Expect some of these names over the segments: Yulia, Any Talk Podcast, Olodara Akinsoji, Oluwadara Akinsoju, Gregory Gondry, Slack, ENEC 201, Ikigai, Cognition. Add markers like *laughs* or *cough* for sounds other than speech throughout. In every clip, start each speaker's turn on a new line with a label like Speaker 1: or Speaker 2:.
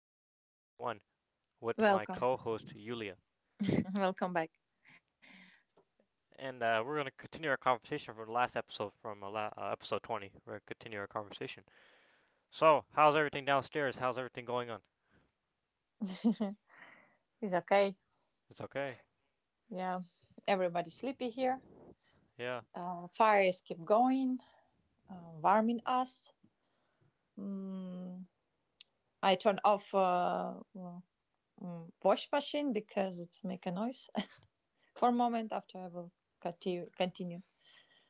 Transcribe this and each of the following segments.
Speaker 1: episode 21, with my co
Speaker 2: Welcome.
Speaker 1: host Yulia.
Speaker 2: *laughs* Welcome back.
Speaker 1: And we're going to continue our conversation from the last episode, from a episode 20. We're going to continue our conversation. So, how's everything downstairs? How's everything going on?
Speaker 2: *laughs* It's okay.
Speaker 1: It's okay.
Speaker 2: Yeah. Everybody's sleepy here.
Speaker 1: Yeah.
Speaker 2: Fires keep going, warming us. Mm, I turn off well, wash machine because it's make a noise *laughs* for a moment. After I will continue.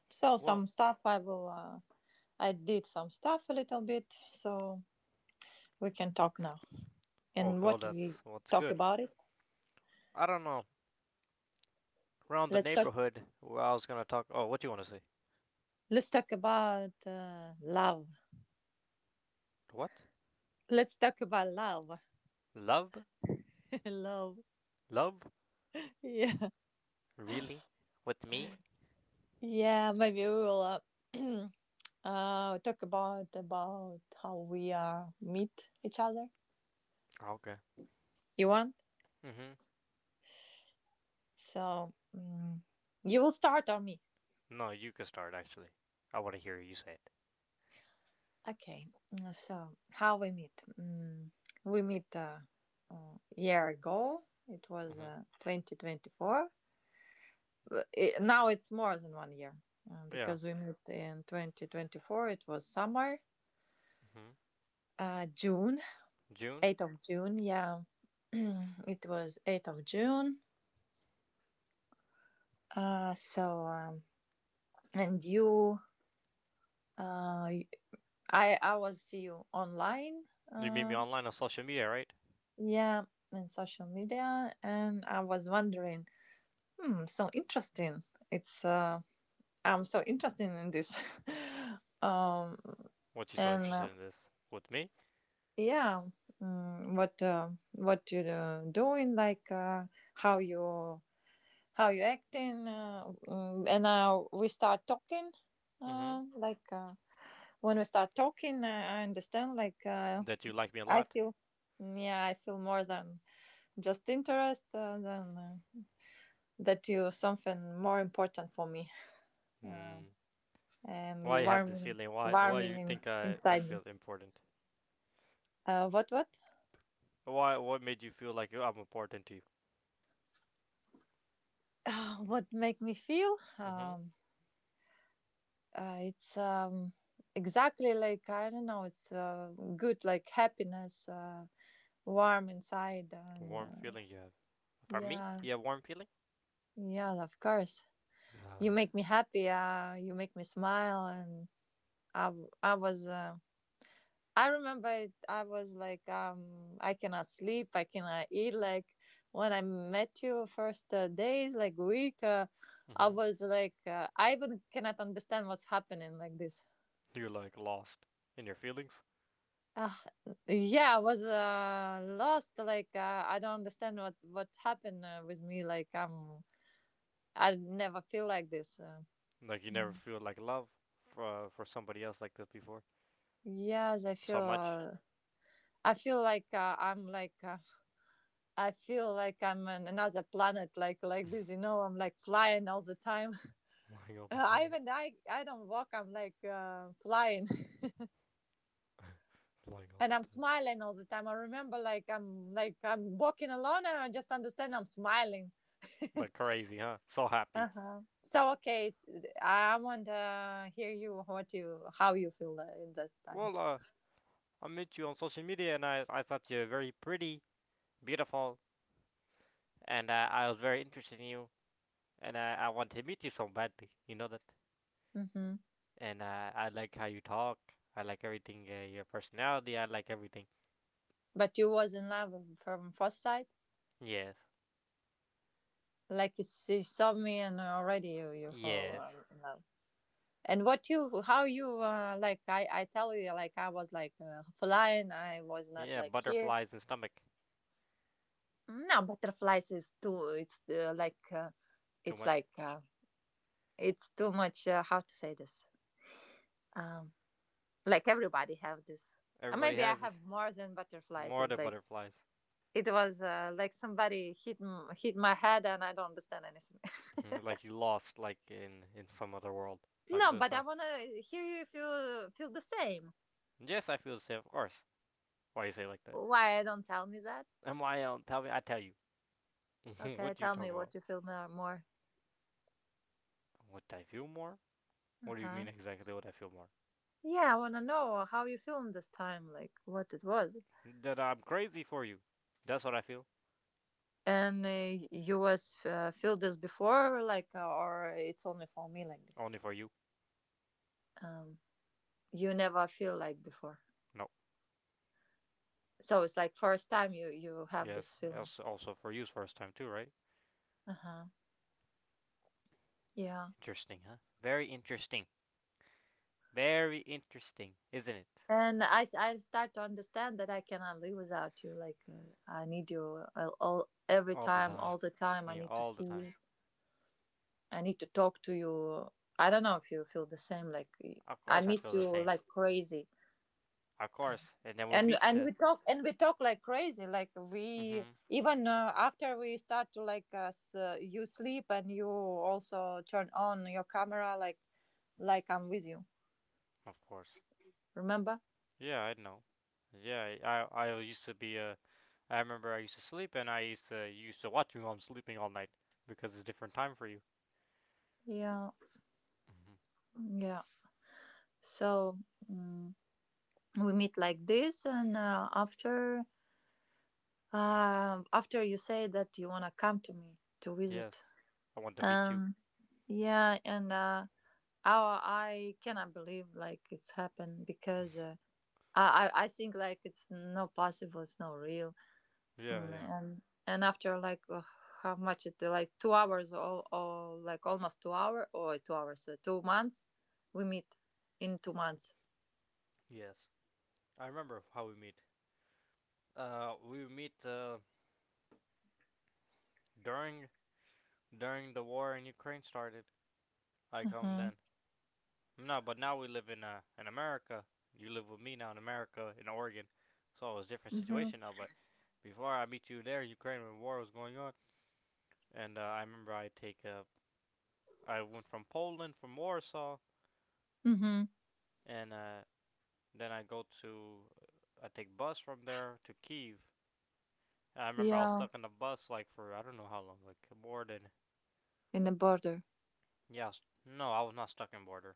Speaker 2: So
Speaker 1: Well,
Speaker 2: some stuff I will. I did some stuff a little bit, so we can talk now. And
Speaker 1: okay, well,
Speaker 2: what do we
Speaker 1: that's, well, that's
Speaker 2: talk
Speaker 1: good.
Speaker 2: about it?
Speaker 1: I don't know. Around the
Speaker 2: Let's talk.
Speaker 1: neighborhood, where I was going to talk. Oh, what do you want to say?
Speaker 2: Let's talk about love.
Speaker 1: What?
Speaker 2: Let's talk about love.
Speaker 1: Love?
Speaker 2: *laughs* I love.
Speaker 1: Love?
Speaker 2: Yeah.
Speaker 1: Really? With me?
Speaker 2: Yeah, maybe we will uh, *clears throat* talk about how we meet each other.
Speaker 1: Okay.
Speaker 2: You want?
Speaker 1: Mm hmm.
Speaker 2: So you will start or me?
Speaker 1: No, you can start, actually. I want to hear you say it.
Speaker 2: Okay. So how we meet? We meet a year ago. It
Speaker 1: Mm
Speaker 2: was
Speaker 1: hmm.
Speaker 2: 2024. But now it's more than one year
Speaker 1: Yeah.
Speaker 2: because we met in 2024. It was summer,
Speaker 1: hmm
Speaker 2: June,
Speaker 1: June?
Speaker 2: 8th of June. Yeah *clears throat* it was 8th of June. So, and you, uh, I, I will see you online.
Speaker 1: You meet me
Speaker 2: Um,
Speaker 1: online on social media, right?
Speaker 2: yeah, in social media. And I was wondering, so interesting. It's, uh, I'm so interested in this. *laughs* um,
Speaker 1: What you so
Speaker 2: and
Speaker 1: interested in this? With me?
Speaker 2: yeah, what you're doing, like, how you acting and now we start talking
Speaker 1: hmm
Speaker 2: like when we start talking I understand like.
Speaker 1: That you like me a
Speaker 2: I
Speaker 1: lot?
Speaker 2: feel, yeah, I feel more than just interest than that you something more important for me uh,
Speaker 1: Mm.
Speaker 2: and
Speaker 1: Why
Speaker 2: you
Speaker 1: you have this
Speaker 2: warm,
Speaker 1: feeling? Why
Speaker 2: warming
Speaker 1: you
Speaker 2: in,
Speaker 1: think I
Speaker 2: inside me
Speaker 1: feel important?
Speaker 2: uh, what what
Speaker 1: Why what made you feel like I'm important to you?
Speaker 2: what make me feel
Speaker 1: hmm
Speaker 2: um, it's exactly like I don't know, it's good, like happiness, warm inside. And
Speaker 1: Warm feeling you have. For me?
Speaker 2: yeah,
Speaker 1: You have warm feeling?
Speaker 2: yeah, of course,
Speaker 1: Uh,
Speaker 2: you make me happy, you make me smile, and I was I remember it, I was like I cannot sleep, I cannot eat, like when I met you first days, like week. I
Speaker 1: hmm
Speaker 2: was like I even cannot understand what's happening, like this
Speaker 1: You're like lost in your feelings?
Speaker 2: uh, yeah, I was lost, like I don't understand what happened with me, like I never feel like this.
Speaker 1: Like you never
Speaker 2: Mm.
Speaker 1: feel like love for somebody else like this before?
Speaker 2: Yes, I
Speaker 1: So
Speaker 2: feel.
Speaker 1: much?
Speaker 2: I feel like I'm like. I feel like I'm on another planet, like this. You know, I'm like flying all the time.
Speaker 1: Lying all
Speaker 2: *laughs*
Speaker 1: the
Speaker 2: I
Speaker 1: time.
Speaker 2: even I don't walk. I'm like flying, *laughs*
Speaker 1: Lying all
Speaker 2: and I'm
Speaker 1: the time.
Speaker 2: smiling all the time. I remember, like I'm walking alone, and I just understand I'm smiling. *laughs*
Speaker 1: But crazy, huh? So
Speaker 2: Uh
Speaker 1: happy.
Speaker 2: huh. So okay, I want to hear you. What you how you feel in that time?
Speaker 1: Well, I met you on social media and I thought you were very pretty, beautiful, and I was very interested in you, and I wanted to meet you so badly, you know that?
Speaker 2: Hmm.
Speaker 1: And I like how you talk, I like everything, your personality, I like everything.
Speaker 2: But you was in love from first sight?
Speaker 1: Yes,
Speaker 2: Like you, you saw me and already you, you fall
Speaker 1: yes.
Speaker 2: in love. And what you, how you, like I tell you, like I was like flying. I was not
Speaker 1: Yeah,
Speaker 2: like here.
Speaker 1: butterflies and stomach.
Speaker 2: No, butterflies is too. It's like
Speaker 1: Too
Speaker 2: it's
Speaker 1: much.
Speaker 2: like uh, it's too much. How to say this? Um, like everybody have this.
Speaker 1: Everybody
Speaker 2: Maybe I
Speaker 1: has it.
Speaker 2: have more than butterflies.
Speaker 1: More
Speaker 2: It's
Speaker 1: than
Speaker 2: like
Speaker 1: butterflies.
Speaker 2: it was like somebody hit my head and I don't understand anything. *laughs*
Speaker 1: *laughs* Like you lost, like in some other world. Like
Speaker 2: No,
Speaker 1: this,
Speaker 2: but I
Speaker 1: huh?
Speaker 2: wanna hear you if you feel the same.
Speaker 1: Yes, I feel the same, of course. Why you say it like that?
Speaker 2: Why don't tell me that?
Speaker 1: I'm my own, tell me, I tell you. *laughs*
Speaker 2: Okay,
Speaker 1: What you
Speaker 2: tell me
Speaker 1: talking about?
Speaker 2: what you feel more. More.
Speaker 1: What I feel more? What do you
Speaker 2: Uh-huh.
Speaker 1: mean exactly what I feel more?
Speaker 2: Yeah, I wanna know how you feeling this time, like what it was,
Speaker 1: That I'm crazy for you. That's what I feel.
Speaker 2: and you was feel this before, like, or it's only for me like this.
Speaker 1: Only for you.
Speaker 2: Um, you never feel like before,
Speaker 1: No.
Speaker 2: so it's like first time you you have this
Speaker 1: Yes.
Speaker 2: feeling.
Speaker 1: Also for you's first time too, right?
Speaker 2: Uh huh. Yeah.
Speaker 1: Interesting, huh? Very interesting. Very interesting, isn't it?
Speaker 2: And I start to understand that I cannot live without you. Like I need you all every
Speaker 1: All the
Speaker 2: time,
Speaker 1: time.
Speaker 2: all the time. I
Speaker 1: Yeah,
Speaker 2: need to
Speaker 1: all the
Speaker 2: see
Speaker 1: time.
Speaker 2: you. I need to talk to you. I don't know if you feel the same. Like
Speaker 1: Of
Speaker 2: I
Speaker 1: course I feel
Speaker 2: miss
Speaker 1: the
Speaker 2: you
Speaker 1: same.
Speaker 2: like crazy.
Speaker 1: Of
Speaker 2: Um,
Speaker 1: course. And then we
Speaker 2: And
Speaker 1: meet to.
Speaker 2: we talk and we talk, like crazy. Like
Speaker 1: Mm-hmm.
Speaker 2: we even after we start to like you sleep, and you also turn on your camera. Like I'm with you.
Speaker 1: Of course.
Speaker 2: Remember?
Speaker 1: Yeah, I know. Yeah, I remember I used to sleep and I used to you used to watch me while I'm sleeping all night because it's a different time for you.
Speaker 2: Yeah,
Speaker 1: Mm-hmm.
Speaker 2: yeah. So. mm, we meet like this, and after you say that you want to come to me to visit
Speaker 1: Yes. I want to meet you.
Speaker 2: um yeah, and I, I cannot believe like it's happened, because I think like it's no possible, it's no real.
Speaker 1: Yeah, yeah.
Speaker 2: And after like how much it like 2 hours, or like almost 2 hour, or 2 hours , 2 months we meet in 2 months.
Speaker 1: Yes. I remember how we meet. We meet during during the war in Ukraine started. I come
Speaker 2: Mm-hmm.
Speaker 1: then. No, but now we live in in America. You live with me now in America in Oregon. So it's a different
Speaker 2: Mm-hmm.
Speaker 1: situation now. But before I meet you there, Ukraine when war was going on, and I remember I take I went from Poland from Warsaw,
Speaker 2: Mm-hmm.
Speaker 1: and then I go to I take bus from there to Kiev. I remember I was
Speaker 2: Yeah,
Speaker 1: stuck in the bus like for I don't know how long, like more.
Speaker 2: in the border.
Speaker 1: Yeah. I was, no, I was not stuck in border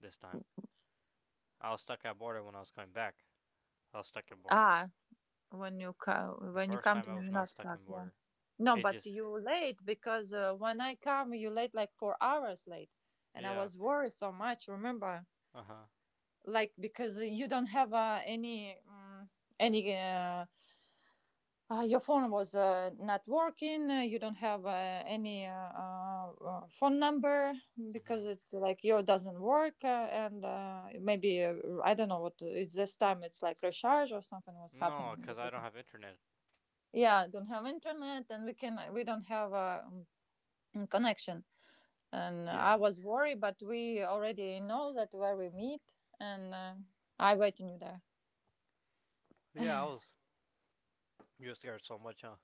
Speaker 1: this time. I was stuck at border when I was coming back. I was stuck in border.
Speaker 2: Ah, when you come,
Speaker 1: The
Speaker 2: when you
Speaker 1: first
Speaker 2: come
Speaker 1: time
Speaker 2: to
Speaker 1: I
Speaker 2: me
Speaker 1: was
Speaker 2: you're
Speaker 1: not
Speaker 2: not
Speaker 1: stuck
Speaker 2: stuck,
Speaker 1: in
Speaker 2: yeah.
Speaker 1: border.
Speaker 2: No,
Speaker 1: It
Speaker 2: but
Speaker 1: just.
Speaker 2: you late because when I come you late like 4 hours late, and I
Speaker 1: Yeah.
Speaker 2: was worried so much, remember?
Speaker 1: Uh huh.
Speaker 2: Like because you don't have any your phone was not working, you don't have any phone number because
Speaker 1: Mhm.
Speaker 2: it's like your doesn't work, and maybe I don't know what it's this time, it's like recharge or something was
Speaker 1: No,
Speaker 2: happening.
Speaker 1: cause I don't have internet.
Speaker 2: Yeah, don't have internet, and we don't have a connection. And
Speaker 1: Yeah.
Speaker 2: I was worried, but we already know that where we meet, and I waiting you there.
Speaker 1: Yeah, I
Speaker 2: *laughs*
Speaker 1: was. You were scared so much, huh?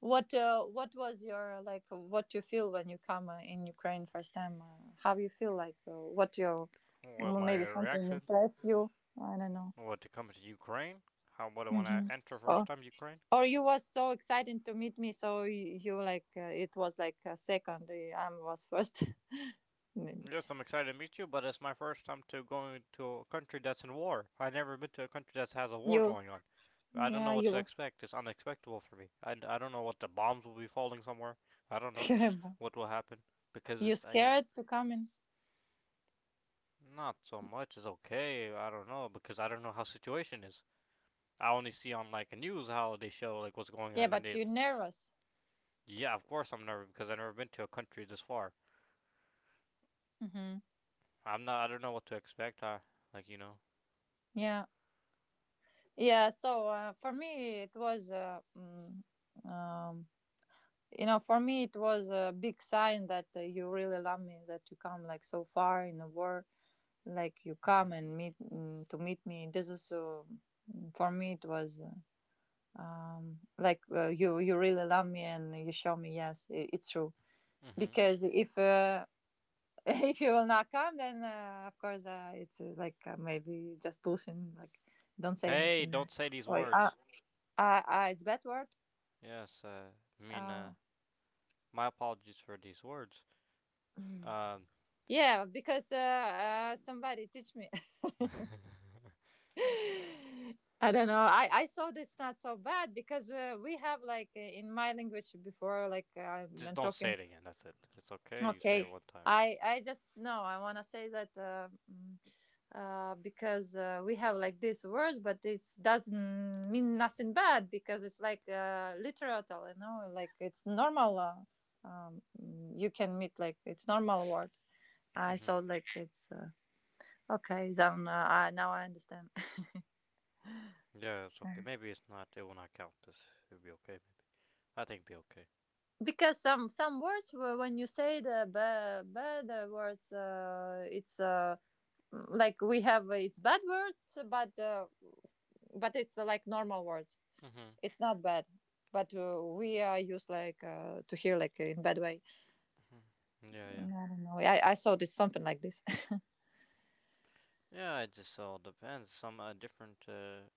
Speaker 2: What what was your, like what you feel when you come in Ukraine first time, how you feel, like what your,
Speaker 1: What
Speaker 2: well,
Speaker 1: my
Speaker 2: maybe something
Speaker 1: reaction?
Speaker 2: impress you, I don't know.
Speaker 1: What to come to Ukraine? How what when I
Speaker 2: Hmm.
Speaker 1: enter first
Speaker 2: or,
Speaker 1: time Ukraine?
Speaker 2: or you was so excited to meet me, so you like it was like a second, I was first. *laughs* Maybe
Speaker 1: Yes, I'm excited to meet you, but it's my first time to going to a country that's in war. I've never been to a country that has a war
Speaker 2: you.
Speaker 1: going on. I don't
Speaker 2: Yeah,
Speaker 1: know what to
Speaker 2: you.
Speaker 1: expect. It's unexpected for me. I don't know what the bombs will be falling somewhere. I don't know
Speaker 2: *laughs*
Speaker 1: what will happen because
Speaker 2: You
Speaker 1: it's I.
Speaker 2: scared to come in.
Speaker 1: Not so much is okay. I don't know because I don't know how situation is. I only see on like a news how they show like what's going
Speaker 2: Yeah,
Speaker 1: on and
Speaker 2: but
Speaker 1: they.
Speaker 2: you're nervous.
Speaker 1: Yeah, of course I'm nervous because I've never been to a country this far.
Speaker 2: Hmm.
Speaker 1: I'm not. I don't know what to expect. I like you know.
Speaker 2: Yeah, yeah. So for me, it was, um, you know, for me it was a big sign that you really love me, that you come like so far in the war, like you come and meet, to meet me. This is for me it was like you you really love me, and you show me yes, I it's true,
Speaker 1: hmm
Speaker 2: because if *laughs* if you will not come, then of course it's like maybe just pushing, like don't say
Speaker 1: Hey,
Speaker 2: anything.
Speaker 1: don't say these
Speaker 2: Or
Speaker 1: words.
Speaker 2: it's bad word.
Speaker 1: Yes, I mean,
Speaker 2: Uh,
Speaker 1: my apologies for these words. Um,
Speaker 2: yeah, because somebody teach me.
Speaker 1: *laughs*
Speaker 2: *laughs* I don't know. I saw this not so bad, because we have like in my language before, like I'm
Speaker 1: just
Speaker 2: not
Speaker 1: don't say
Speaker 2: talking.
Speaker 1: it again. That's it. It's okay. You say it
Speaker 2: Okay,
Speaker 1: one time.
Speaker 2: I just no, I want to say that because we have like these words, but it doesn't mean nothing bad, because it's like literatal, you know, like it's normal. You can meet like it's normal word. I
Speaker 1: Mm-hmm.
Speaker 2: thought like it's okay. Then now I understand.
Speaker 1: Yeah, it's okay.
Speaker 2: *laughs*
Speaker 1: Maybe it's not. It will not count. This. It'll be okay. Maybe. I think it'll be okay.
Speaker 2: Because some words when you say the bad words, it's like we have, it's bad word, but it's like normal words,
Speaker 1: Mm-hmm.
Speaker 2: it's not bad, but we are used like to hear like in bad way.
Speaker 1: Mm-hmm. Yeah, yeah.
Speaker 2: I don't know, I saw this something like this.
Speaker 1: Yeah, it just all depends. Some different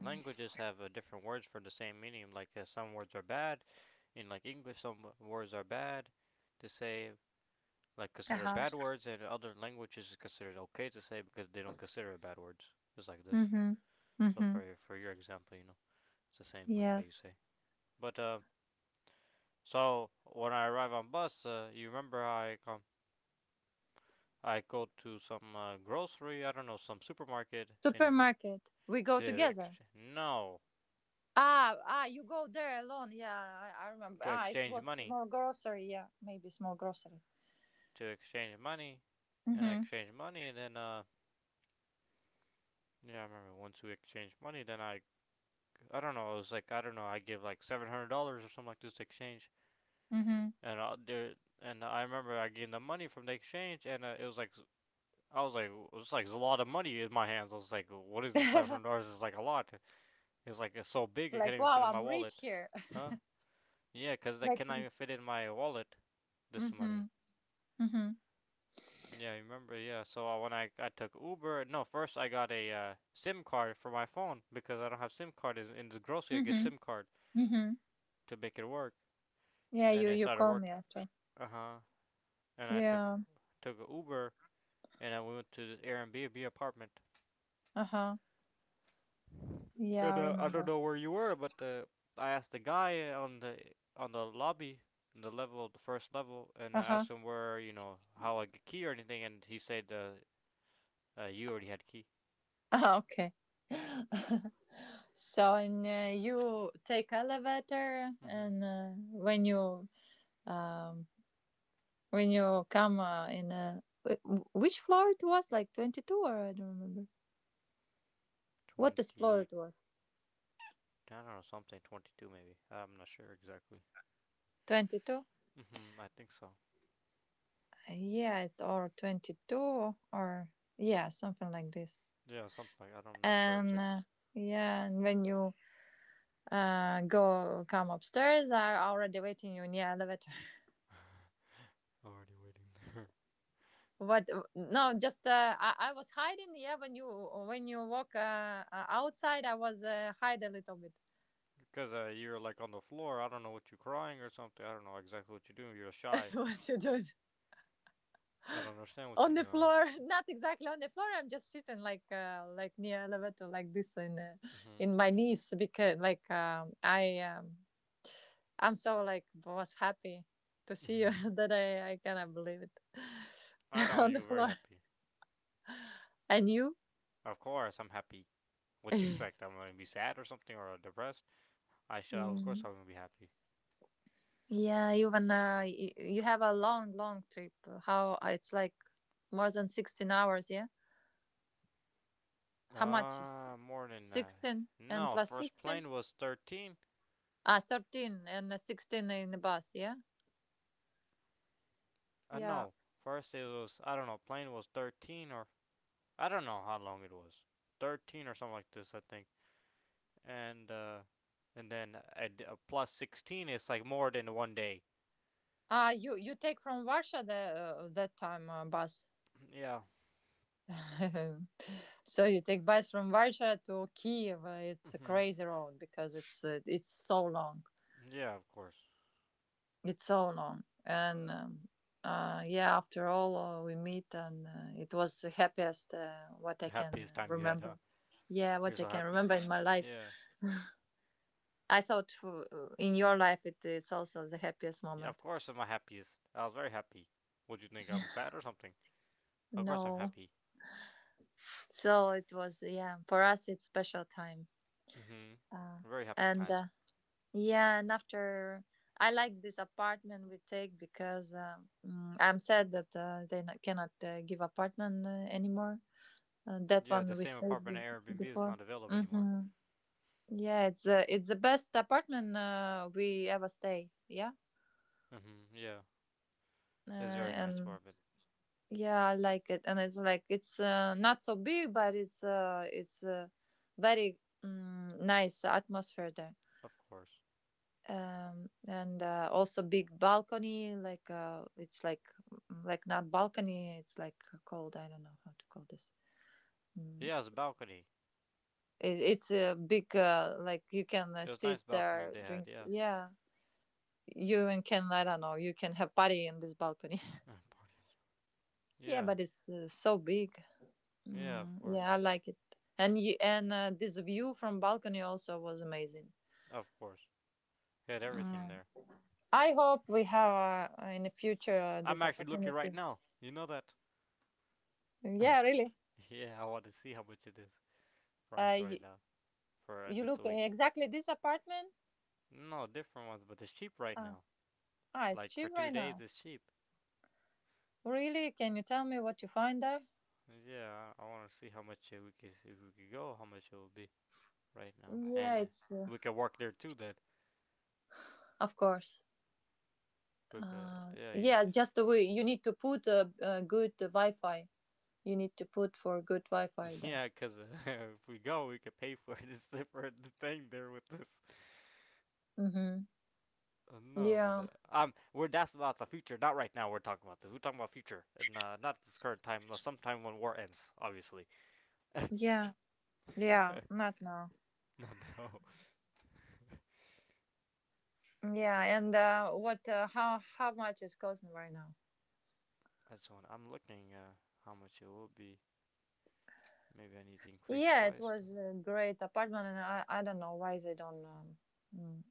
Speaker 1: languages have different words for the same meaning. Like some words are bad in like English. Some words are bad to say, like
Speaker 2: *laughs*
Speaker 1: considered
Speaker 2: Uh-huh.
Speaker 1: bad words, and other languages is considered okay to say because they don't consider bad words just like this.
Speaker 2: Mm-hmm.
Speaker 1: So
Speaker 2: Mm-hmm.
Speaker 1: for your example, you know, it's the same like how you
Speaker 2: Yes.
Speaker 1: say. But so when I arrive on bus, you remember how I come. I go to some grocery, I don't know, some supermarket, and
Speaker 2: Supermarket, we go
Speaker 1: to
Speaker 2: together.
Speaker 1: ex- no
Speaker 2: Ah, ah, you go there alone, yeah, I remember.
Speaker 1: to
Speaker 2: Ah, it
Speaker 1: exchange
Speaker 2: was
Speaker 1: money.
Speaker 2: small grocery, yeah, maybe small grocery.
Speaker 1: To exchange money. And I
Speaker 2: Mm-hmm.
Speaker 1: exchange money and then yeah, I remember once we exchanged money, then I don't know, it was like I don't know, I give like $700 or something like this to exchange. And there and I remember I gave them money from the exchange, and it was like, I was like, it was like a lot of money in my hands. I was like, what is this? Seven
Speaker 2: Mm-hmm.
Speaker 1: hundred dollars is like a lot. It's like it's so
Speaker 2: *laughs*
Speaker 1: big it can't
Speaker 2: Like,
Speaker 1: even fit
Speaker 2: wow,
Speaker 1: in my
Speaker 2: I'm rich
Speaker 1: wallet.
Speaker 2: here. *laughs*
Speaker 1: Huh? Yeah, cause that
Speaker 2: Like.
Speaker 1: cannot even fit in my wallet. This money.
Speaker 2: Mm-hmm. Mm-hmm.
Speaker 1: Yeah, I remember. Yeah, so when I took Uber, no, first I got a SIM card for my phone because I don't have SIM card in this grocery. I get
Speaker 2: Mm-hmm.
Speaker 1: SIM card
Speaker 2: Mm-hmm.
Speaker 1: to make it work,
Speaker 2: Yeah,
Speaker 1: and
Speaker 2: you
Speaker 1: it
Speaker 2: you
Speaker 1: started
Speaker 2: call me
Speaker 1: working.
Speaker 2: after.
Speaker 1: Uh huh. And I took
Speaker 2: Yeah.
Speaker 1: took Uber and we went to this Airbnb apartment.
Speaker 2: Uh huh. Yeah,
Speaker 1: And
Speaker 2: I
Speaker 1: I don't
Speaker 2: remember.
Speaker 1: know where you were, but I asked the guy on the lobby, on the level, the first level, and
Speaker 2: Uh
Speaker 1: I
Speaker 2: huh.
Speaker 1: asked him where, you know, how I get key or anything, and he said you already had key.
Speaker 2: *laughs* Okay. *laughs* So and you take elevator,
Speaker 1: Mm-hmm.
Speaker 2: and um when you come in a which floor, it was like 22, or I don't remember what this floor
Speaker 1: 20,
Speaker 2: it was.
Speaker 1: I don't know something, 22 maybe. I'm not sure exactly.
Speaker 2: 22.
Speaker 1: Mm-hmm. I think so.
Speaker 2: Yeah, it's or 22 or yeah something like this.
Speaker 1: Yeah, something like I don't, I'm not sure
Speaker 2: And
Speaker 1: exactly.
Speaker 2: yeah, and when you go come upstairs, I already waiting you near elevator.
Speaker 1: Already waiting there. *laughs*
Speaker 2: *laughs* What? No, just I was hiding. Yeah, when you walk outside I was hide a little bit.
Speaker 1: Because you are like on the floor. I don't know what you're crying or something. I don't know exactly what you're doing. You're
Speaker 2: *laughs*
Speaker 1: shy.
Speaker 2: What you do?
Speaker 1: I don't
Speaker 2: *laughs*
Speaker 1: understand what
Speaker 2: On
Speaker 1: you're
Speaker 2: the
Speaker 1: doing.
Speaker 2: floor. *laughs* Not exactly on the floor, I'm just sitting like near elevator like this
Speaker 1: Mm-hmm.
Speaker 2: in my knees, because like I'm so like was happy to see you *laughs* that I cannot believe it.
Speaker 1: *laughs* I
Speaker 2: *laughs*
Speaker 1: know
Speaker 2: On the
Speaker 1: you were very
Speaker 2: floor.
Speaker 1: happy.
Speaker 2: And you.
Speaker 1: Of course, I'm happy. What you
Speaker 2: *laughs*
Speaker 1: expect? I'm gonna be sad or something or depressed? I shall. Of course,
Speaker 2: Mm.
Speaker 1: I'm gonna be happy.
Speaker 2: Yeah, even you have a long, long trip. How it's like more than 16 hours, yeah? How much is
Speaker 1: More than
Speaker 2: 16 and
Speaker 1: No.
Speaker 2: plus
Speaker 1: First
Speaker 2: 16?
Speaker 1: plane was 13.
Speaker 2: Ah, 13 and 16 in the bus, yeah? Yeah.
Speaker 1: No. First it was I don't know. Plane was 13 or I don't know how long it was. 13 or something like this, I think. And then a, d- a plus 16 is like more than one day. *clears throat*
Speaker 2: Ah, you take from Warsaw the that time bus.
Speaker 1: Yeah.
Speaker 2: *laughs* So you take bus from Warsaw to Kiev. It's a
Speaker 1: Mm-hmm.
Speaker 2: crazy road because it's so long.
Speaker 1: Yeah, of course.
Speaker 2: It's so long. And Yeah, after all, we meet, and it was the happiest what I
Speaker 1: Happiest
Speaker 2: can
Speaker 1: time you had, huh?
Speaker 2: remember. Yeah,
Speaker 1: You're
Speaker 2: what I
Speaker 1: so
Speaker 2: can
Speaker 1: happy.
Speaker 2: remember in my life.
Speaker 1: Yeah.
Speaker 2: I thought for, in your life it is also the happiest
Speaker 1: Yeah, of
Speaker 2: moment.
Speaker 1: course I'm happiest. I was very happy. Would you think I'm sad or something? Of course I'm
Speaker 2: No,
Speaker 1: happy.
Speaker 2: so it was, yeah, for us it's special time.
Speaker 1: Mhm.
Speaker 2: Uh,
Speaker 1: Very happy
Speaker 2: and
Speaker 1: time.
Speaker 2: yeah, and after, I like this apartment we take because I'm sad that they not, cannot give apartment anymore. That
Speaker 1: Yeah,
Speaker 2: one
Speaker 1: the
Speaker 2: we
Speaker 1: same apartment at Airbnb is
Speaker 2: before.
Speaker 1: not available anymore.
Speaker 2: Hmm. Yeah, it's the best apartment we ever stay. Yeah,
Speaker 1: Mhm. Yeah, it's
Speaker 2: uh,
Speaker 1: very nice
Speaker 2: and
Speaker 1: apartment.
Speaker 2: yeah, I like it. And it's like it's not so big, but it's very, nice atmosphere there.
Speaker 1: Of course.
Speaker 2: And also big balcony. Like it's like, like not balcony. It's like, called, I don't know how to call this. Mm,
Speaker 1: Yeah, it's a balcony.
Speaker 2: it's a big, like you can
Speaker 1: It was a
Speaker 2: sit
Speaker 1: nice balcony
Speaker 2: there,
Speaker 1: they had.
Speaker 2: drink.
Speaker 1: Yeah.
Speaker 2: Yeah, you and can, I don't know. You can have party in this balcony.
Speaker 1: *laughs* Party
Speaker 2: *laughs* yeah,
Speaker 1: yeah.
Speaker 2: but it's so big.
Speaker 1: Yeah. Of course.
Speaker 2: Yeah, I like it. And you, and this view from balcony also was amazing.
Speaker 1: Of course. They had everything
Speaker 2: Mm.
Speaker 1: there.
Speaker 2: I hope we have in the future
Speaker 1: I'm
Speaker 2: this
Speaker 1: actually looking right
Speaker 2: opportunity.
Speaker 1: now. You know that.
Speaker 2: Yeah, really.
Speaker 1: *laughs* Yeah, I want to see how much it is price
Speaker 2: Uh, you,
Speaker 1: right now for
Speaker 2: you
Speaker 1: this
Speaker 2: look
Speaker 1: week.
Speaker 2: exactly this apartment.
Speaker 1: No, different ones, but it's cheap right
Speaker 2: Ah,
Speaker 1: now.
Speaker 2: it's
Speaker 1: Like for
Speaker 2: cheap
Speaker 1: two
Speaker 2: right
Speaker 1: days,
Speaker 2: now.
Speaker 1: it's cheap.
Speaker 2: Really? Can you tell me what you find there?
Speaker 1: Yeah, I want to see how much we could, if we could go, how much it will be right now,
Speaker 2: Yeah,
Speaker 1: and
Speaker 2: it's
Speaker 1: we could work there too then.
Speaker 2: of course.
Speaker 1: But yeah, you know,
Speaker 2: Yeah, just the way you need to put a good Wi-Fi. You need to put for good Wi-Fi
Speaker 1: *laughs*
Speaker 2: there.
Speaker 1: yeah, cause *laughs* if we go, we could pay for *laughs* this different thing there with this.
Speaker 2: Mm-hmm.
Speaker 1: No, but
Speaker 2: Yeah,
Speaker 1: we're, that's about the future, not right now. We're talking about this. We're talking about future, and not this current time. No, sometime when war ends, obviously. *laughs*
Speaker 2: yeah, yeah. Not now.
Speaker 1: Not now. *laughs*
Speaker 2: Yeah, and what? How much is costing right now?
Speaker 1: I just want. I'm looking how much it will be. Maybe I need to increase
Speaker 2: Yeah, it
Speaker 1: price.
Speaker 2: was a great apartment, and I don't know why they don't, mm,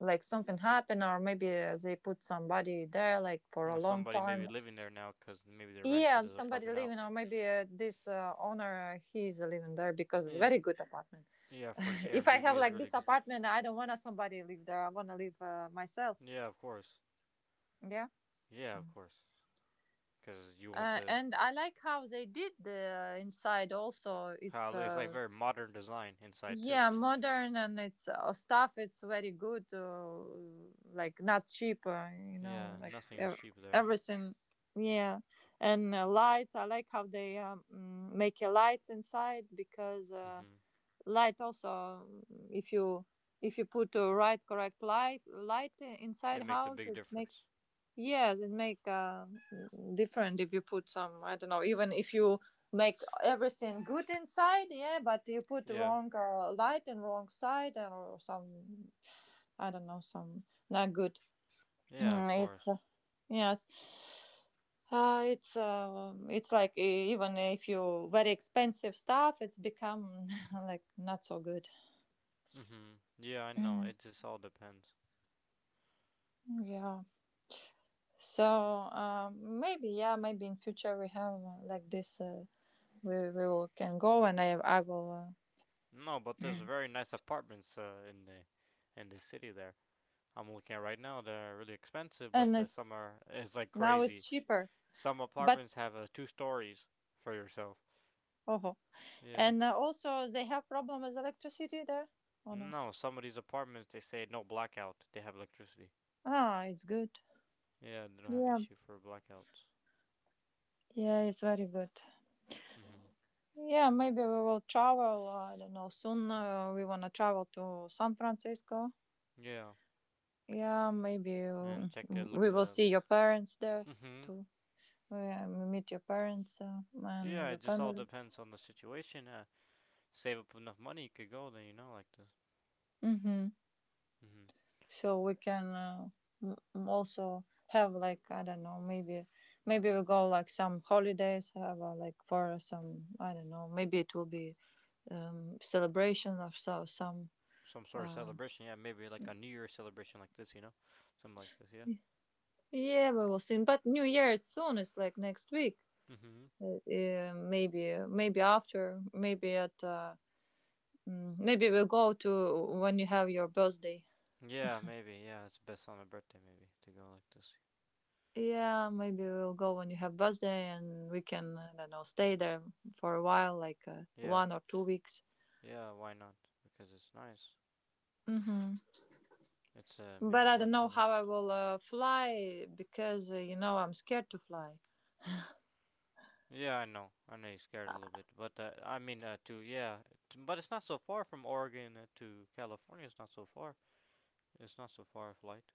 Speaker 2: like something happened, or maybe they put somebody there like for a
Speaker 1: Unless
Speaker 2: long
Speaker 1: somebody may be
Speaker 2: time.
Speaker 1: living there now because maybe they rented
Speaker 2: Yeah,
Speaker 1: his
Speaker 2: somebody
Speaker 1: apartment out.
Speaker 2: living, or maybe this owner, he's living there because it's
Speaker 1: Yeah,
Speaker 2: very good apartment.
Speaker 1: yeah, for this
Speaker 2: *laughs* if I
Speaker 1: Airbnb
Speaker 2: have
Speaker 1: is
Speaker 2: like
Speaker 1: really
Speaker 2: this
Speaker 1: good.
Speaker 2: apartment, I don't want somebody live there. I want to live, myself.
Speaker 1: Yeah, of course.
Speaker 2: Yeah.
Speaker 1: Yeah, of
Speaker 2: Mm.
Speaker 1: course. Because you want
Speaker 2: Uh,
Speaker 1: to.
Speaker 2: and I like how they did the inside also.
Speaker 1: How
Speaker 2: It's
Speaker 1: like, it's like very modern design inside too.
Speaker 2: yeah, modern, and it's stuff. It's very good. Like not cheap. You know,
Speaker 1: Yeah,
Speaker 2: like
Speaker 1: nothing was cheap there.
Speaker 2: everything. Yeah, and lights. I like how they, make a lights inside because.
Speaker 1: Mhm.
Speaker 2: Light also, if you put a right, correct, light
Speaker 1: It
Speaker 2: inside
Speaker 1: makes a
Speaker 2: house,
Speaker 1: big
Speaker 2: it's make,
Speaker 1: difference.
Speaker 2: yes, it make different if you put some, I don't know, even if you make everything good inside, yeah, but you put
Speaker 1: Yeah.
Speaker 2: wrong light and wrong side or some, I don't know, some not good. *clears throat*
Speaker 1: Yeah, of
Speaker 2: It's
Speaker 1: course.
Speaker 2: yes it's like, even if you very expensive stuff, it's become *laughs* like not so good.
Speaker 1: Mhm. Yeah, I know. It
Speaker 2: *clears throat*
Speaker 1: just all depends.
Speaker 2: Yeah. So, maybe, yeah, maybe in future we have like this. We will, can go, and I will.
Speaker 1: No, but there's
Speaker 2: Mm.
Speaker 1: very nice apartments in the city there. I'm looking at right now. They're really expensive,
Speaker 2: And
Speaker 1: but some
Speaker 2: it's,
Speaker 1: are it's like
Speaker 2: now it's
Speaker 1: crazy.
Speaker 2: cheaper,
Speaker 1: Some
Speaker 2: but,
Speaker 1: apartments have two stories for yourself.
Speaker 2: oh,
Speaker 1: Yeah.
Speaker 2: and also they have problem with electricity there. Oh no.
Speaker 1: No, some of these apartments they say no blackout. They have electricity.
Speaker 2: Ah, it's good.
Speaker 1: Yeah, they don't have
Speaker 2: Yeah,
Speaker 1: issue for blackouts.
Speaker 2: yeah, it's very good.
Speaker 1: Mhm.
Speaker 2: Yeah, maybe we will travel. I don't know. Soon, we wanna travel to San Francisco.
Speaker 1: Yeah,
Speaker 2: Yeah, maybe
Speaker 1: and check look
Speaker 2: we
Speaker 1: at.
Speaker 2: will see your parents there
Speaker 1: Mhm.
Speaker 2: too. Where we meet your parents and
Speaker 1: Yeah, it
Speaker 2: your
Speaker 1: just all
Speaker 2: family.
Speaker 1: depends on the situation. Save up enough money, you could go. Then like this.
Speaker 2: Hmm.
Speaker 1: Mhm.
Speaker 2: So we can, also have, like, I don't know, maybe, maybe we go like some holidays, have like for some, I don't know, maybe it will be, celebration of so some,
Speaker 1: Some sort of
Speaker 2: um,
Speaker 1: celebration. Yeah, maybe like a New Year's celebration like this. Something like this. Yeah.
Speaker 2: yeah, we will see, but New Year, it's soon, it's like next week.
Speaker 1: Mhm.
Speaker 2: Maybe, maybe after, maybe at maybe we'll go to when you have your birthday.
Speaker 1: Yeah, maybe. Yeah, it's best on a birthday maybe to go like this.
Speaker 2: Yeah, maybe we'll go when you have birthday and we can, I don't know, stay there for a while, like,
Speaker 1: Yeah.
Speaker 2: 1 or 2 weeks.
Speaker 1: Yeah. Why not? Because it's nice.
Speaker 2: Hmm.
Speaker 1: It's
Speaker 2: But
Speaker 1: maybe
Speaker 2: I don't
Speaker 1: worth
Speaker 2: know
Speaker 1: it. Like,
Speaker 2: how I will fly because, you know, I'm scared to fly.
Speaker 1: yeah, I know. I know you're scared a little bit, but I mean to yeah, but it's not so far from Oregon to California. It's not so far. It's not so far a flight.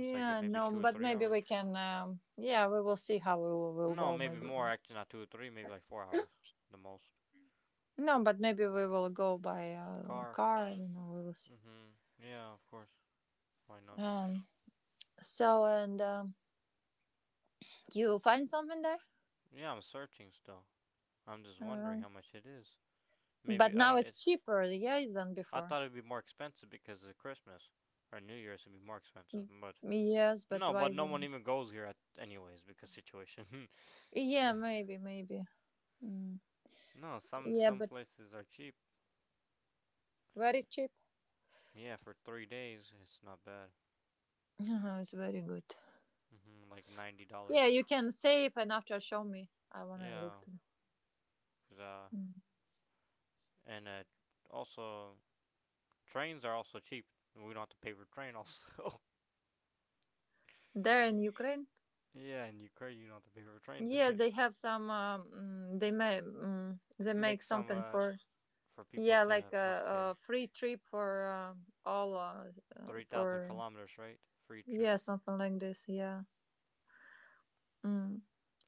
Speaker 1: It's like maybe
Speaker 2: no,
Speaker 1: two or
Speaker 2: but
Speaker 1: three
Speaker 2: maybe we
Speaker 1: hours.
Speaker 2: can, yeah, we will see how we will
Speaker 1: No,
Speaker 2: go,
Speaker 1: maybe
Speaker 2: maybe.
Speaker 1: more. Actually, not two or three. Maybe like 4 hours, the most.
Speaker 2: No, but maybe we will go by
Speaker 1: Car.
Speaker 2: car, I don't know, we will see.
Speaker 1: Mhm. Yeah, of course. Why not?
Speaker 2: Um, so, and, you find something there?
Speaker 1: Yeah, I'm searching still. I'm just
Speaker 2: Uh,
Speaker 1: wondering how much it is.
Speaker 2: but
Speaker 1: Maybe I
Speaker 2: now
Speaker 1: don't.
Speaker 2: it's
Speaker 1: It's.
Speaker 2: cheaper, yeah, than
Speaker 1: I
Speaker 2: before.
Speaker 1: thought it'd be more expensive because of Christmas or New Year's it would be more expensive,
Speaker 2: Mm.
Speaker 1: but
Speaker 2: Yes, but
Speaker 1: no,
Speaker 2: why
Speaker 1: but
Speaker 2: is
Speaker 1: no
Speaker 2: it?
Speaker 1: one even goes here at anyways because situation.
Speaker 2: Yeah, maybe, maybe. Mm.
Speaker 1: *laughs* No, some
Speaker 2: Yeah,
Speaker 1: some
Speaker 2: but
Speaker 1: places are cheap.
Speaker 2: very cheap.
Speaker 1: Yeah, for 3 days it's not bad.
Speaker 2: *laughs* Uh-huh, it's very good.
Speaker 1: Hmm, like $90.
Speaker 2: Yeah, you can save and after show me. I wanna
Speaker 1: Yeah,
Speaker 2: look. To...
Speaker 1: cause
Speaker 2: Mm.
Speaker 1: and also trains are also cheap. We don't have to pay for train also.
Speaker 2: There in Ukraine.
Speaker 1: *laughs* Yeah, in Ukraine you don't have to pay for a train.
Speaker 2: Yeah,
Speaker 1: Then
Speaker 2: they have some. They make, they
Speaker 1: *laughs*
Speaker 2: make
Speaker 1: make some
Speaker 2: something for.
Speaker 1: for people
Speaker 2: Yeah,
Speaker 1: to
Speaker 2: like
Speaker 1: have not to pay
Speaker 2: a free trip for, all.
Speaker 1: three thousand
Speaker 2: For,
Speaker 1: kilometers, right? Free
Speaker 2: yeah,
Speaker 1: trip.
Speaker 2: something like this. Yeah. Mm.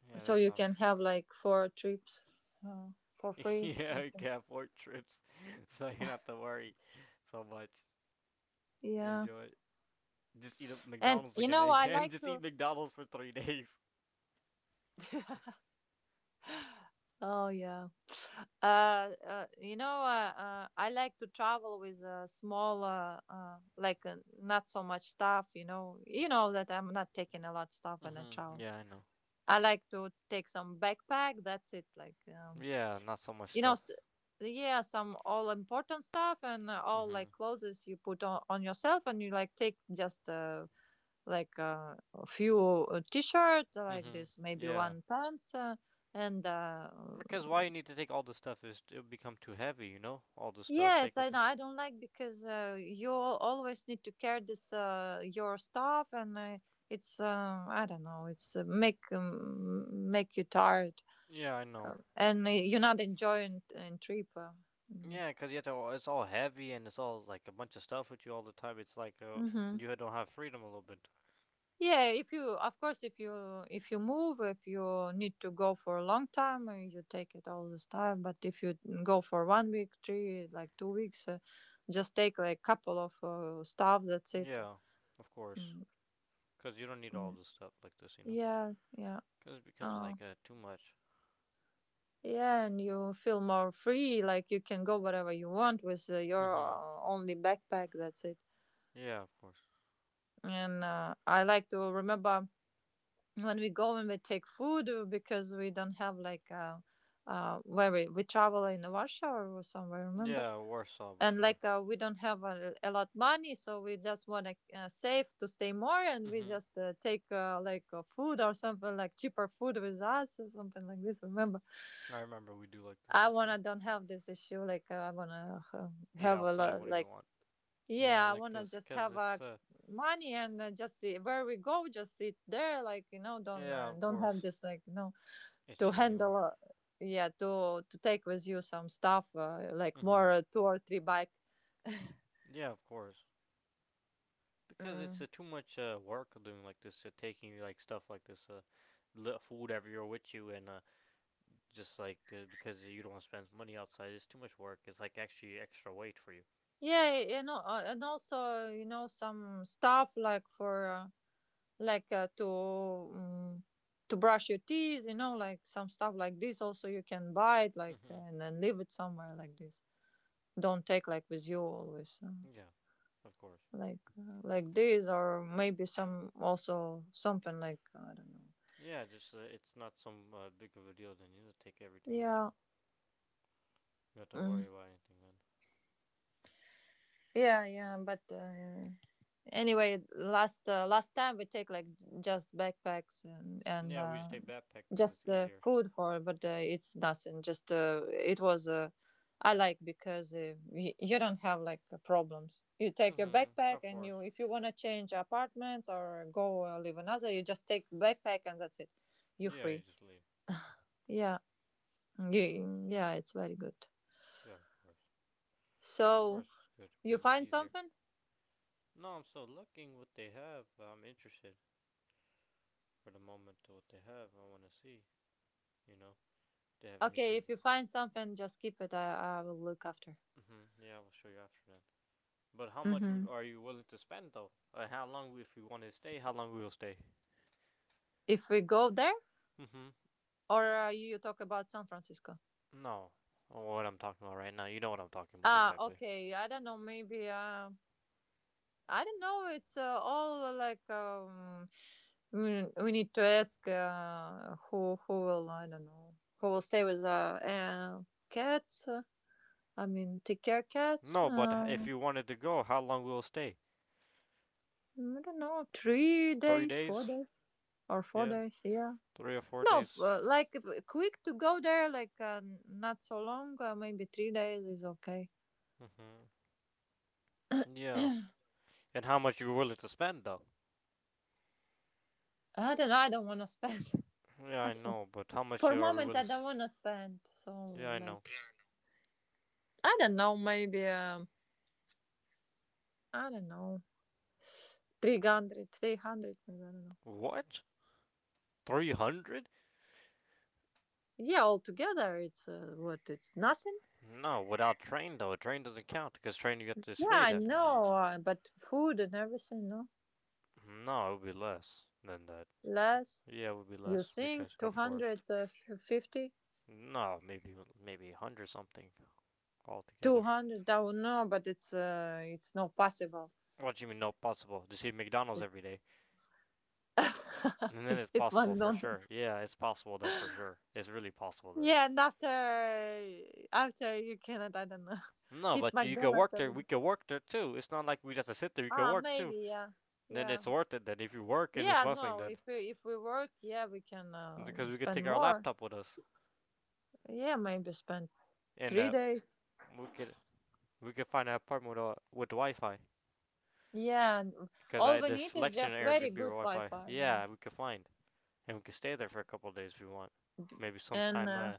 Speaker 1: Yeah,
Speaker 2: So
Speaker 1: that's
Speaker 2: you
Speaker 1: some.
Speaker 2: can have like four trips, uh, for
Speaker 1: *laughs*
Speaker 2: free, I
Speaker 1: Yeah, we
Speaker 2: think.
Speaker 1: can afford trips, *laughs* so you don't have to worry so much.
Speaker 2: Yeah.
Speaker 1: Enjoy it. Just eat up
Speaker 2: And
Speaker 1: McDonald's
Speaker 2: you
Speaker 1: again
Speaker 2: know,
Speaker 1: and
Speaker 2: I
Speaker 1: again. *laughs*
Speaker 2: like
Speaker 1: Just
Speaker 2: to.
Speaker 1: eat McDonald's for three *laughs* days.
Speaker 2: *laughs* oh yeah. Uh, you know, I like to travel with a small, like, not so much stuff. You know that I'm not taking a lot stuff when I
Speaker 1: Mm-hmm.
Speaker 2: travel.
Speaker 1: Yeah, I know.
Speaker 2: I like to take some backpack. That's it. Like,
Speaker 1: Yeah, not so much
Speaker 2: you know
Speaker 1: stuff.
Speaker 2: s- yeah, some all important stuff, and all
Speaker 1: Mm-hmm.
Speaker 2: like clothes you put on yourself, and you like take just, like, a few t-shirt like
Speaker 1: Mm-hmm.
Speaker 2: this, maybe
Speaker 1: Yeah.
Speaker 2: one pants. And
Speaker 1: Because why you need to take all the stuff is it'll become too heavy, you know? All the stuff
Speaker 2: Yeah, it's,
Speaker 1: take
Speaker 2: I
Speaker 1: with you.
Speaker 2: know, I don't like because, you always need to carry this, your stuff, and it's, I don't know, it's make, make you tired,
Speaker 1: Yeah, I know.
Speaker 2: and you're not enjoying trip. Mm.
Speaker 1: Yeah, because you have to. It's all heavy and it's all like a bunch of stuff with you all the time. It's like
Speaker 2: Mhm.
Speaker 1: you don't have freedom a little bit.
Speaker 2: Yeah, if you, of course, if you, if you move, if you need to go for a long time, you take it all this time. But if you go for 1 week, three, like 2 weeks, just take like couple of stuff. That's it.
Speaker 1: Yeah, of course.
Speaker 2: Mm,
Speaker 1: Because you don't need all
Speaker 2: mm.
Speaker 1: this stuff like this, you know?
Speaker 2: Yeah, yeah,
Speaker 1: Because it becomes
Speaker 2: uh,
Speaker 1: like too much.
Speaker 2: yeah, and you feel more free. Like you can go wherever you want with your
Speaker 1: Mm-hmm.
Speaker 2: only backpack. That's it.
Speaker 1: Yeah, of course.
Speaker 2: And I like to remember, when we go and we take food, because we don't have like, uh, where we travel in Warsaw or somewhere, remember,
Speaker 1: Yeah, worse saw
Speaker 2: and
Speaker 1: before.
Speaker 2: like, we don't have a lot money, so we just want to save to stay more, and we
Speaker 1: Hmm.
Speaker 2: just take, like, food or something, like cheaper food with us or something like this, remember.
Speaker 1: I remember we do like this
Speaker 2: I
Speaker 1: before.
Speaker 2: wanna don't have this issue like, I wanna
Speaker 1: Eat
Speaker 2: have a
Speaker 1: outside
Speaker 2: lot
Speaker 1: whenever you
Speaker 2: like,
Speaker 1: want. Yeah, I
Speaker 2: yeah, I
Speaker 1: like
Speaker 2: wanna
Speaker 1: this
Speaker 2: just
Speaker 1: because
Speaker 2: have,
Speaker 1: it's
Speaker 2: money, and just see where we go. Just sit there, like, you know,
Speaker 1: yeah, of
Speaker 2: don't have
Speaker 1: course
Speaker 2: this, like, you know,
Speaker 1: it's
Speaker 2: to
Speaker 1: you anymore.
Speaker 2: handle. Yeah, to take with you some stuff, like more,
Speaker 1: Hmm.
Speaker 2: two or three bike.
Speaker 1: Yeah, of course because it's
Speaker 2: Mm.
Speaker 1: too much work doing like this, taking like stuff like this, food everywhere with you, and just like because you don't want to spend money outside, it's too much work. It's like actually extra weight for you.
Speaker 2: Yeah, you know, and also you know some stuff like for, like, to, to brush your teeth. You know, like some stuff like this. Also, you can buy it like,
Speaker 1: Hmm.
Speaker 2: and then leave it somewhere like this. Don't take like with you always.
Speaker 1: Yeah, of course.
Speaker 2: Like, like this, or maybe some, also something like, I don't know,
Speaker 1: Yeah, just it's not some big of a deal. Then you just take everything with
Speaker 2: yeah.
Speaker 1: you. You don't have to
Speaker 2: mm,
Speaker 1: worry about anything then.
Speaker 2: yeah, yeah, but anyway, last last time we take like, just backpacks, and
Speaker 1: Yeah, we just take backpack because it's
Speaker 2: just
Speaker 1: easier.
Speaker 2: food for, but it's nothing, just it was I like because, you don't have like problems, you take your
Speaker 1: Mm-hmm.
Speaker 2: backpack,
Speaker 1: Of
Speaker 2: and
Speaker 1: course.
Speaker 2: you, if you want to change apartments or go live another, you just take backpack and that's it, you're
Speaker 1: Yeah, you
Speaker 2: free.
Speaker 1: just leave.
Speaker 2: Yeah. Yeah, yeah, it's very good.
Speaker 1: Yeah, of course. Of
Speaker 2: So
Speaker 1: course, it's good
Speaker 2: you
Speaker 1: because it's
Speaker 2: find
Speaker 1: easier.
Speaker 2: something?
Speaker 1: No, I'm still looking what they have. I'm interested for the moment to what they have. I want to see. You know, if they have
Speaker 2: Okay,
Speaker 1: anything.
Speaker 2: if you find something, just keep it. I will look after.
Speaker 1: Mm-hmm. Yeah, I will show you after then. But how much would-
Speaker 2: Hmm.
Speaker 1: are you willing to spend though? Or how long, if you want to stay, how long we will stay?
Speaker 2: If we go there,
Speaker 1: Mm-hmm.
Speaker 2: or, you talk about San Francisco?
Speaker 1: No, oh, what I'm talking about right now. You know what I'm talking about
Speaker 2: Ah,
Speaker 1: exactly.
Speaker 2: okay. I don't know. Maybe. I don't know. It's all like, we need to ask who will, I don't know who will stay with, cats. I mean, take care cats.
Speaker 1: No, but if you wanted to go, how long will stay?
Speaker 2: I don't know, three
Speaker 1: Three
Speaker 2: days, four
Speaker 1: days?
Speaker 2: days. Or four
Speaker 1: Yeah,
Speaker 2: days. Yeah.
Speaker 1: three or four
Speaker 2: No,
Speaker 1: days.
Speaker 2: like, quick to go there, like, not so long. Maybe 3 days is okay.
Speaker 1: Mm-hmm. Yeah.
Speaker 2: *clears throat*
Speaker 1: And how much you're willing to spend, though?
Speaker 2: I don't know. I don't want to spend. *laughs*
Speaker 1: Yeah,
Speaker 2: I
Speaker 1: I
Speaker 2: don't.
Speaker 1: know, but how much
Speaker 2: For a
Speaker 1: are we
Speaker 2: moment,
Speaker 1: willing?
Speaker 2: I
Speaker 1: To...
Speaker 2: don't want to spend. So,
Speaker 1: Yeah, I know.
Speaker 2: like, I don't know. Maybe, I don't know. 300, 300, maybe. I don't know.
Speaker 1: What? 300?
Speaker 2: Yeah, altogether, it's what? It's nothing.
Speaker 1: No, without train though. A train doesn't count because train you get is
Speaker 2: Yeah,
Speaker 1: free
Speaker 2: I
Speaker 1: then.
Speaker 2: know. But food and everything, no
Speaker 1: No, it would be less than that.
Speaker 2: less.
Speaker 1: Yeah, it would be
Speaker 2: You
Speaker 1: less
Speaker 2: think
Speaker 1: because
Speaker 2: two
Speaker 1: of course.
Speaker 2: hundred fifty?
Speaker 1: No, maybe maybe 100 something altogether.
Speaker 2: 200, I don't know, but it's not possible.
Speaker 1: What do you mean no possible? Just eat McDonald's
Speaker 2: It
Speaker 1: every day. And
Speaker 2: *laughs*
Speaker 1: then it's
Speaker 2: it
Speaker 1: possible for
Speaker 2: McDonald's.
Speaker 1: sure. Yeah, it's possible then for sure. It's really possible then.
Speaker 2: Yeah, and after, after you cannot, I don't know, *laughs*
Speaker 1: No,
Speaker 2: hit
Speaker 1: but you can
Speaker 2: McDonald's
Speaker 1: work there.
Speaker 2: every day.
Speaker 1: We can work there too. It's not like we just have to sit there. You can
Speaker 2: Ah,
Speaker 1: work too.
Speaker 2: maybe, yeah,
Speaker 1: Then
Speaker 2: yeah,
Speaker 1: it's worth it. Then if you work and it's
Speaker 2: yeah.
Speaker 1: nothing,
Speaker 2: No,
Speaker 1: then
Speaker 2: if we work, yeah, we can,
Speaker 1: because we could take
Speaker 2: spend
Speaker 1: our
Speaker 2: more.
Speaker 1: laptop with us
Speaker 2: Yeah, maybe spend
Speaker 1: and
Speaker 2: three days.
Speaker 1: we could we could find an apartment with Wi-Fi.
Speaker 2: Yeah, and
Speaker 1: Cause
Speaker 2: all
Speaker 1: I
Speaker 2: we
Speaker 1: the
Speaker 2: need is
Speaker 1: selection at
Speaker 2: just very
Speaker 1: Airbnb or
Speaker 2: good
Speaker 1: Wi-Fi.
Speaker 2: Wi-Fi. Yeah,
Speaker 1: Yeah, we could find and we could stay there for a couple of days if we want. Maybe
Speaker 2: and
Speaker 1: sometime
Speaker 2: uh,
Speaker 1: uh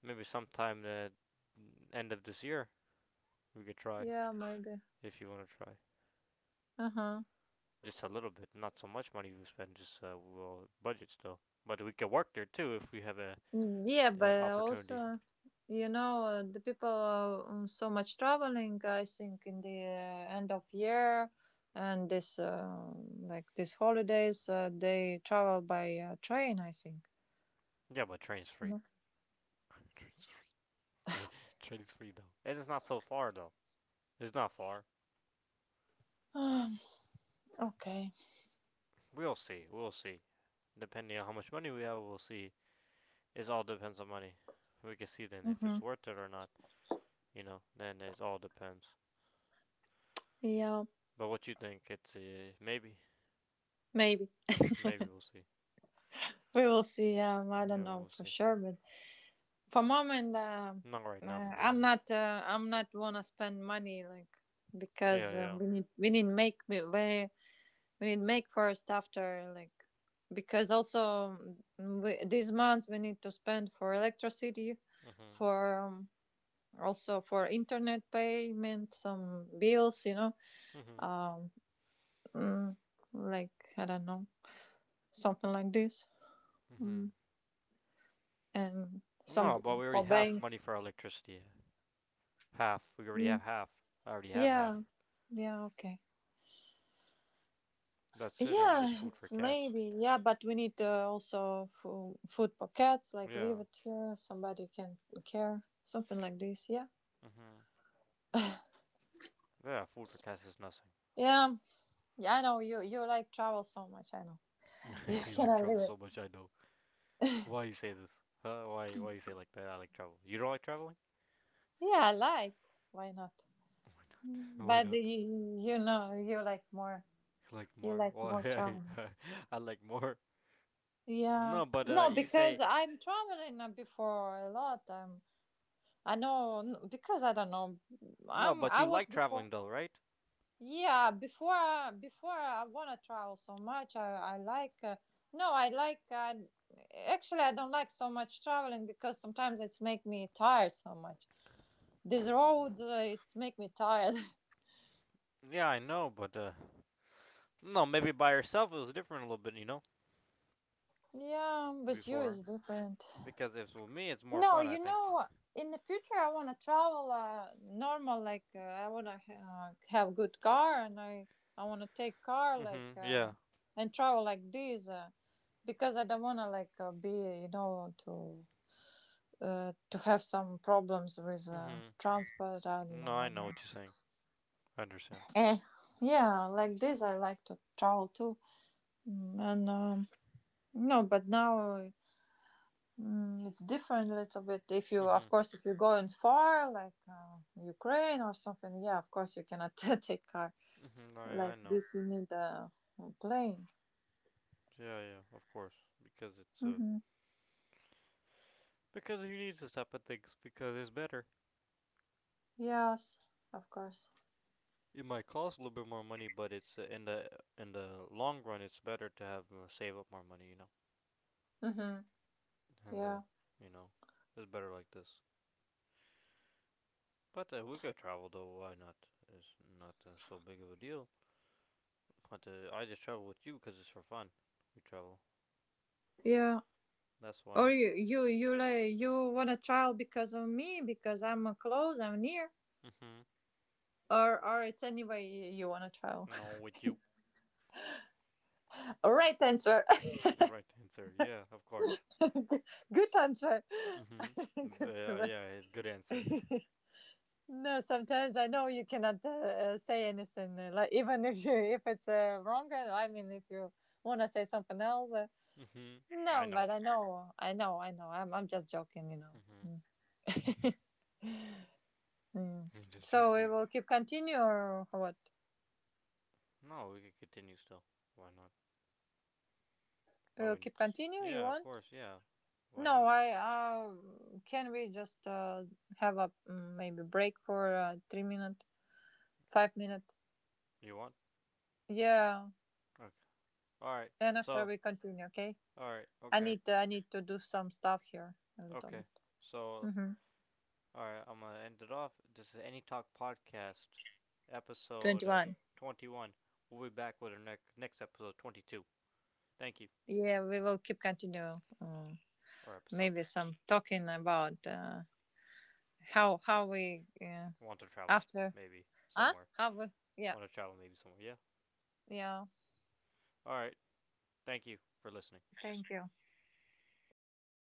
Speaker 1: maybe sometime the end of this year we could try
Speaker 2: yeah, maybe.
Speaker 1: if you want to try
Speaker 2: Uh huh.
Speaker 1: just a little bit, not so much money we spend, just we'll budget still. But we could work there too if we have
Speaker 2: Yeah,
Speaker 1: a
Speaker 2: but also,
Speaker 1: opportunity.
Speaker 2: you know, the people are so much traveling. I think in the end of year and this like these holidays, they travel by train. I think.
Speaker 1: Yeah, but train's free.
Speaker 2: Mhm.
Speaker 1: *laughs* Train's free. *laughs* Trading's free though, and it's not so far though. It's not far.
Speaker 2: Um, *gasps* okay.
Speaker 1: We'll see. We'll see. Depending on how much money we have, we'll see. It all depends on money. We can see then if
Speaker 2: Hmm.
Speaker 1: it's worth it or not. You know, then it all depends.
Speaker 2: Yeah,
Speaker 1: But what you think? It's maybe,
Speaker 2: maybe
Speaker 1: maybe we'll see.
Speaker 2: *laughs* we will see. I don't
Speaker 1: Yeah,
Speaker 2: know
Speaker 1: we'll
Speaker 2: for
Speaker 1: see.
Speaker 2: sure, but for moment,
Speaker 1: Not right now for the
Speaker 2: I'm
Speaker 1: moment.
Speaker 2: not. I'm not wanna spend money like
Speaker 1: Yeah,
Speaker 2: because
Speaker 1: yeah.
Speaker 2: we need make first after like because also, we, these months we need to spend for electricity,
Speaker 1: Mhm.
Speaker 2: for also for internet payment, some bills, you know.
Speaker 1: Mhm.
Speaker 2: um mm, like, I don't know, something like this.
Speaker 1: Mhm.
Speaker 2: mm. And
Speaker 1: No, but
Speaker 2: some
Speaker 1: we already
Speaker 2: for
Speaker 1: have
Speaker 2: bank.
Speaker 1: money for our electricity. Half. We already
Speaker 2: mm.
Speaker 1: have half. I already have half.
Speaker 2: Yeah. Yeah, okay.
Speaker 1: That's it, and just
Speaker 2: Yeah,
Speaker 1: food for
Speaker 2: it's
Speaker 1: cats.
Speaker 2: maybe. Yeah, but we need also food pockets, like leave
Speaker 1: Yeah.
Speaker 2: it here, somebody can care, something like this. Yeah.
Speaker 1: Mhm. Yeah, food for cats is nothing.
Speaker 2: Yeah. Yeah, I know you like travel so much, I know. *laughs* You
Speaker 1: *laughs* You like
Speaker 2: cannot leave
Speaker 1: travel
Speaker 2: it.
Speaker 1: so much, I know. Why you say this? Huh? Why you say like that? I like travel. You don't like traveling?
Speaker 2: Yeah, I like. Why not?
Speaker 1: Why not?
Speaker 2: Mm,
Speaker 1: *laughs* Why
Speaker 2: but
Speaker 1: not?
Speaker 2: you know, you like more,
Speaker 1: You like
Speaker 2: you
Speaker 1: more?
Speaker 2: like more
Speaker 1: Why? *laughs*
Speaker 2: traveling.
Speaker 1: I I like more.
Speaker 2: Yeah.
Speaker 1: No, but
Speaker 2: No,
Speaker 1: you say
Speaker 2: because I'm traveling before a lot. I'm I know n- Because I don't know.
Speaker 1: no, but
Speaker 2: I
Speaker 1: you
Speaker 2: was
Speaker 1: like
Speaker 2: before.
Speaker 1: traveling though, right?
Speaker 2: Yeah, before I want to travel so much. I like no, I like, actually I don't like so much traveling because sometimes it's make me tired so much. This road, it's make me tired.
Speaker 1: Yeah, I know, but no, maybe by yourself it was different a little bit, you know,
Speaker 2: *laughs* yeah, with you
Speaker 1: before
Speaker 2: is different.
Speaker 1: because if it's with me, it's more
Speaker 2: No,
Speaker 1: fun, I
Speaker 2: you
Speaker 1: think.
Speaker 2: know, in the future I want to travel, normal. Like, I want to have good car, and I want to take car like,
Speaker 1: Mhm. Yeah.
Speaker 2: and travel like this, because I don't want to like, be, you know, to have some problems with
Speaker 1: Mhm.
Speaker 2: transport. I don't
Speaker 1: No,
Speaker 2: know
Speaker 1: I know
Speaker 2: whether.
Speaker 1: what you're saying. I understand.
Speaker 2: Eh. Yeah, like this I like to travel too. Mm, and No, but now. Mm, it's different a little bit. If you, of
Speaker 1: Mhm.
Speaker 2: course, if you're going far, like, Ukraine or something, yeah, of course you cannot *laughs* take car
Speaker 1: Mhm. No, yeah, I
Speaker 2: like
Speaker 1: know.
Speaker 2: this. You need a plane.
Speaker 1: Yeah, yeah, of course, because it's
Speaker 2: Hmm.
Speaker 1: because you need to stop at things because it's better.
Speaker 2: Yes, of course.
Speaker 1: It might cost a little bit more money, but it's in the long run, it's better to have save up more money, you know.
Speaker 2: Hmm.
Speaker 1: And
Speaker 2: Yeah,
Speaker 1: you know, it's better like this. But we could travel though. Why not? It's not so big of a deal. But I just travel with you because it's for fun. We travel.
Speaker 2: yeah.
Speaker 1: That's why.
Speaker 2: Or you, like, you want to trial because of me because I'm close, I'm near,
Speaker 1: Mhm.
Speaker 2: or it's anyway you want to trial.
Speaker 1: No,
Speaker 2: *laughs*
Speaker 1: with you.
Speaker 2: Right answer.
Speaker 1: The right answer. Yeah, of course.
Speaker 2: *laughs* Good answer.
Speaker 1: Mhm.
Speaker 2: *laughs* Good,
Speaker 1: Yeah, it's good answer.
Speaker 2: right. *laughs* No, sometimes I know you cannot say anything, like, even *laughs* if if it's wrong, I mean, if you want to say something else,
Speaker 1: Mhm. I
Speaker 2: no.
Speaker 1: know.
Speaker 2: But I know, I know, I know. I'm just joking, you know.
Speaker 1: Mhm.
Speaker 2: Mm. Mm.
Speaker 1: *laughs* I'm just
Speaker 2: So we
Speaker 1: joking.
Speaker 2: will keep continue or what?
Speaker 1: No, we could continue still. Why not? Why
Speaker 2: We'll
Speaker 1: we
Speaker 2: keep
Speaker 1: need to? S
Speaker 2: continue. You
Speaker 1: yeah, of
Speaker 2: want?
Speaker 1: course. Yeah, why
Speaker 2: No,
Speaker 1: not?
Speaker 2: I. Can we just have a, maybe break for 3 minute, 5 minute?
Speaker 1: You want?
Speaker 2: Yeah,
Speaker 1: Okay. All right.
Speaker 2: and after
Speaker 1: So,
Speaker 2: we continue, okay?
Speaker 1: all right. Okay.
Speaker 2: I need to do some stuff here a little
Speaker 1: Okay.
Speaker 2: bit.
Speaker 1: So,
Speaker 2: Mm-hmm.
Speaker 1: all right. I'm gonna end it off. This is Any Talk podcast, episode
Speaker 2: 21.
Speaker 1: 21. We'll be back with our next episode 22. Thank you.
Speaker 2: Yeah, we will keep continue.
Speaker 1: Or episode.
Speaker 2: Maybe some talking about how we,
Speaker 1: Want to travel?
Speaker 2: after.
Speaker 1: Maybe
Speaker 2: Huh?
Speaker 1: somewhere.
Speaker 2: How we? Yeah.
Speaker 1: Want to travel? Maybe somewhere. Yeah.
Speaker 2: Yeah.
Speaker 1: All right. Thank you for listening.
Speaker 2: Thank you.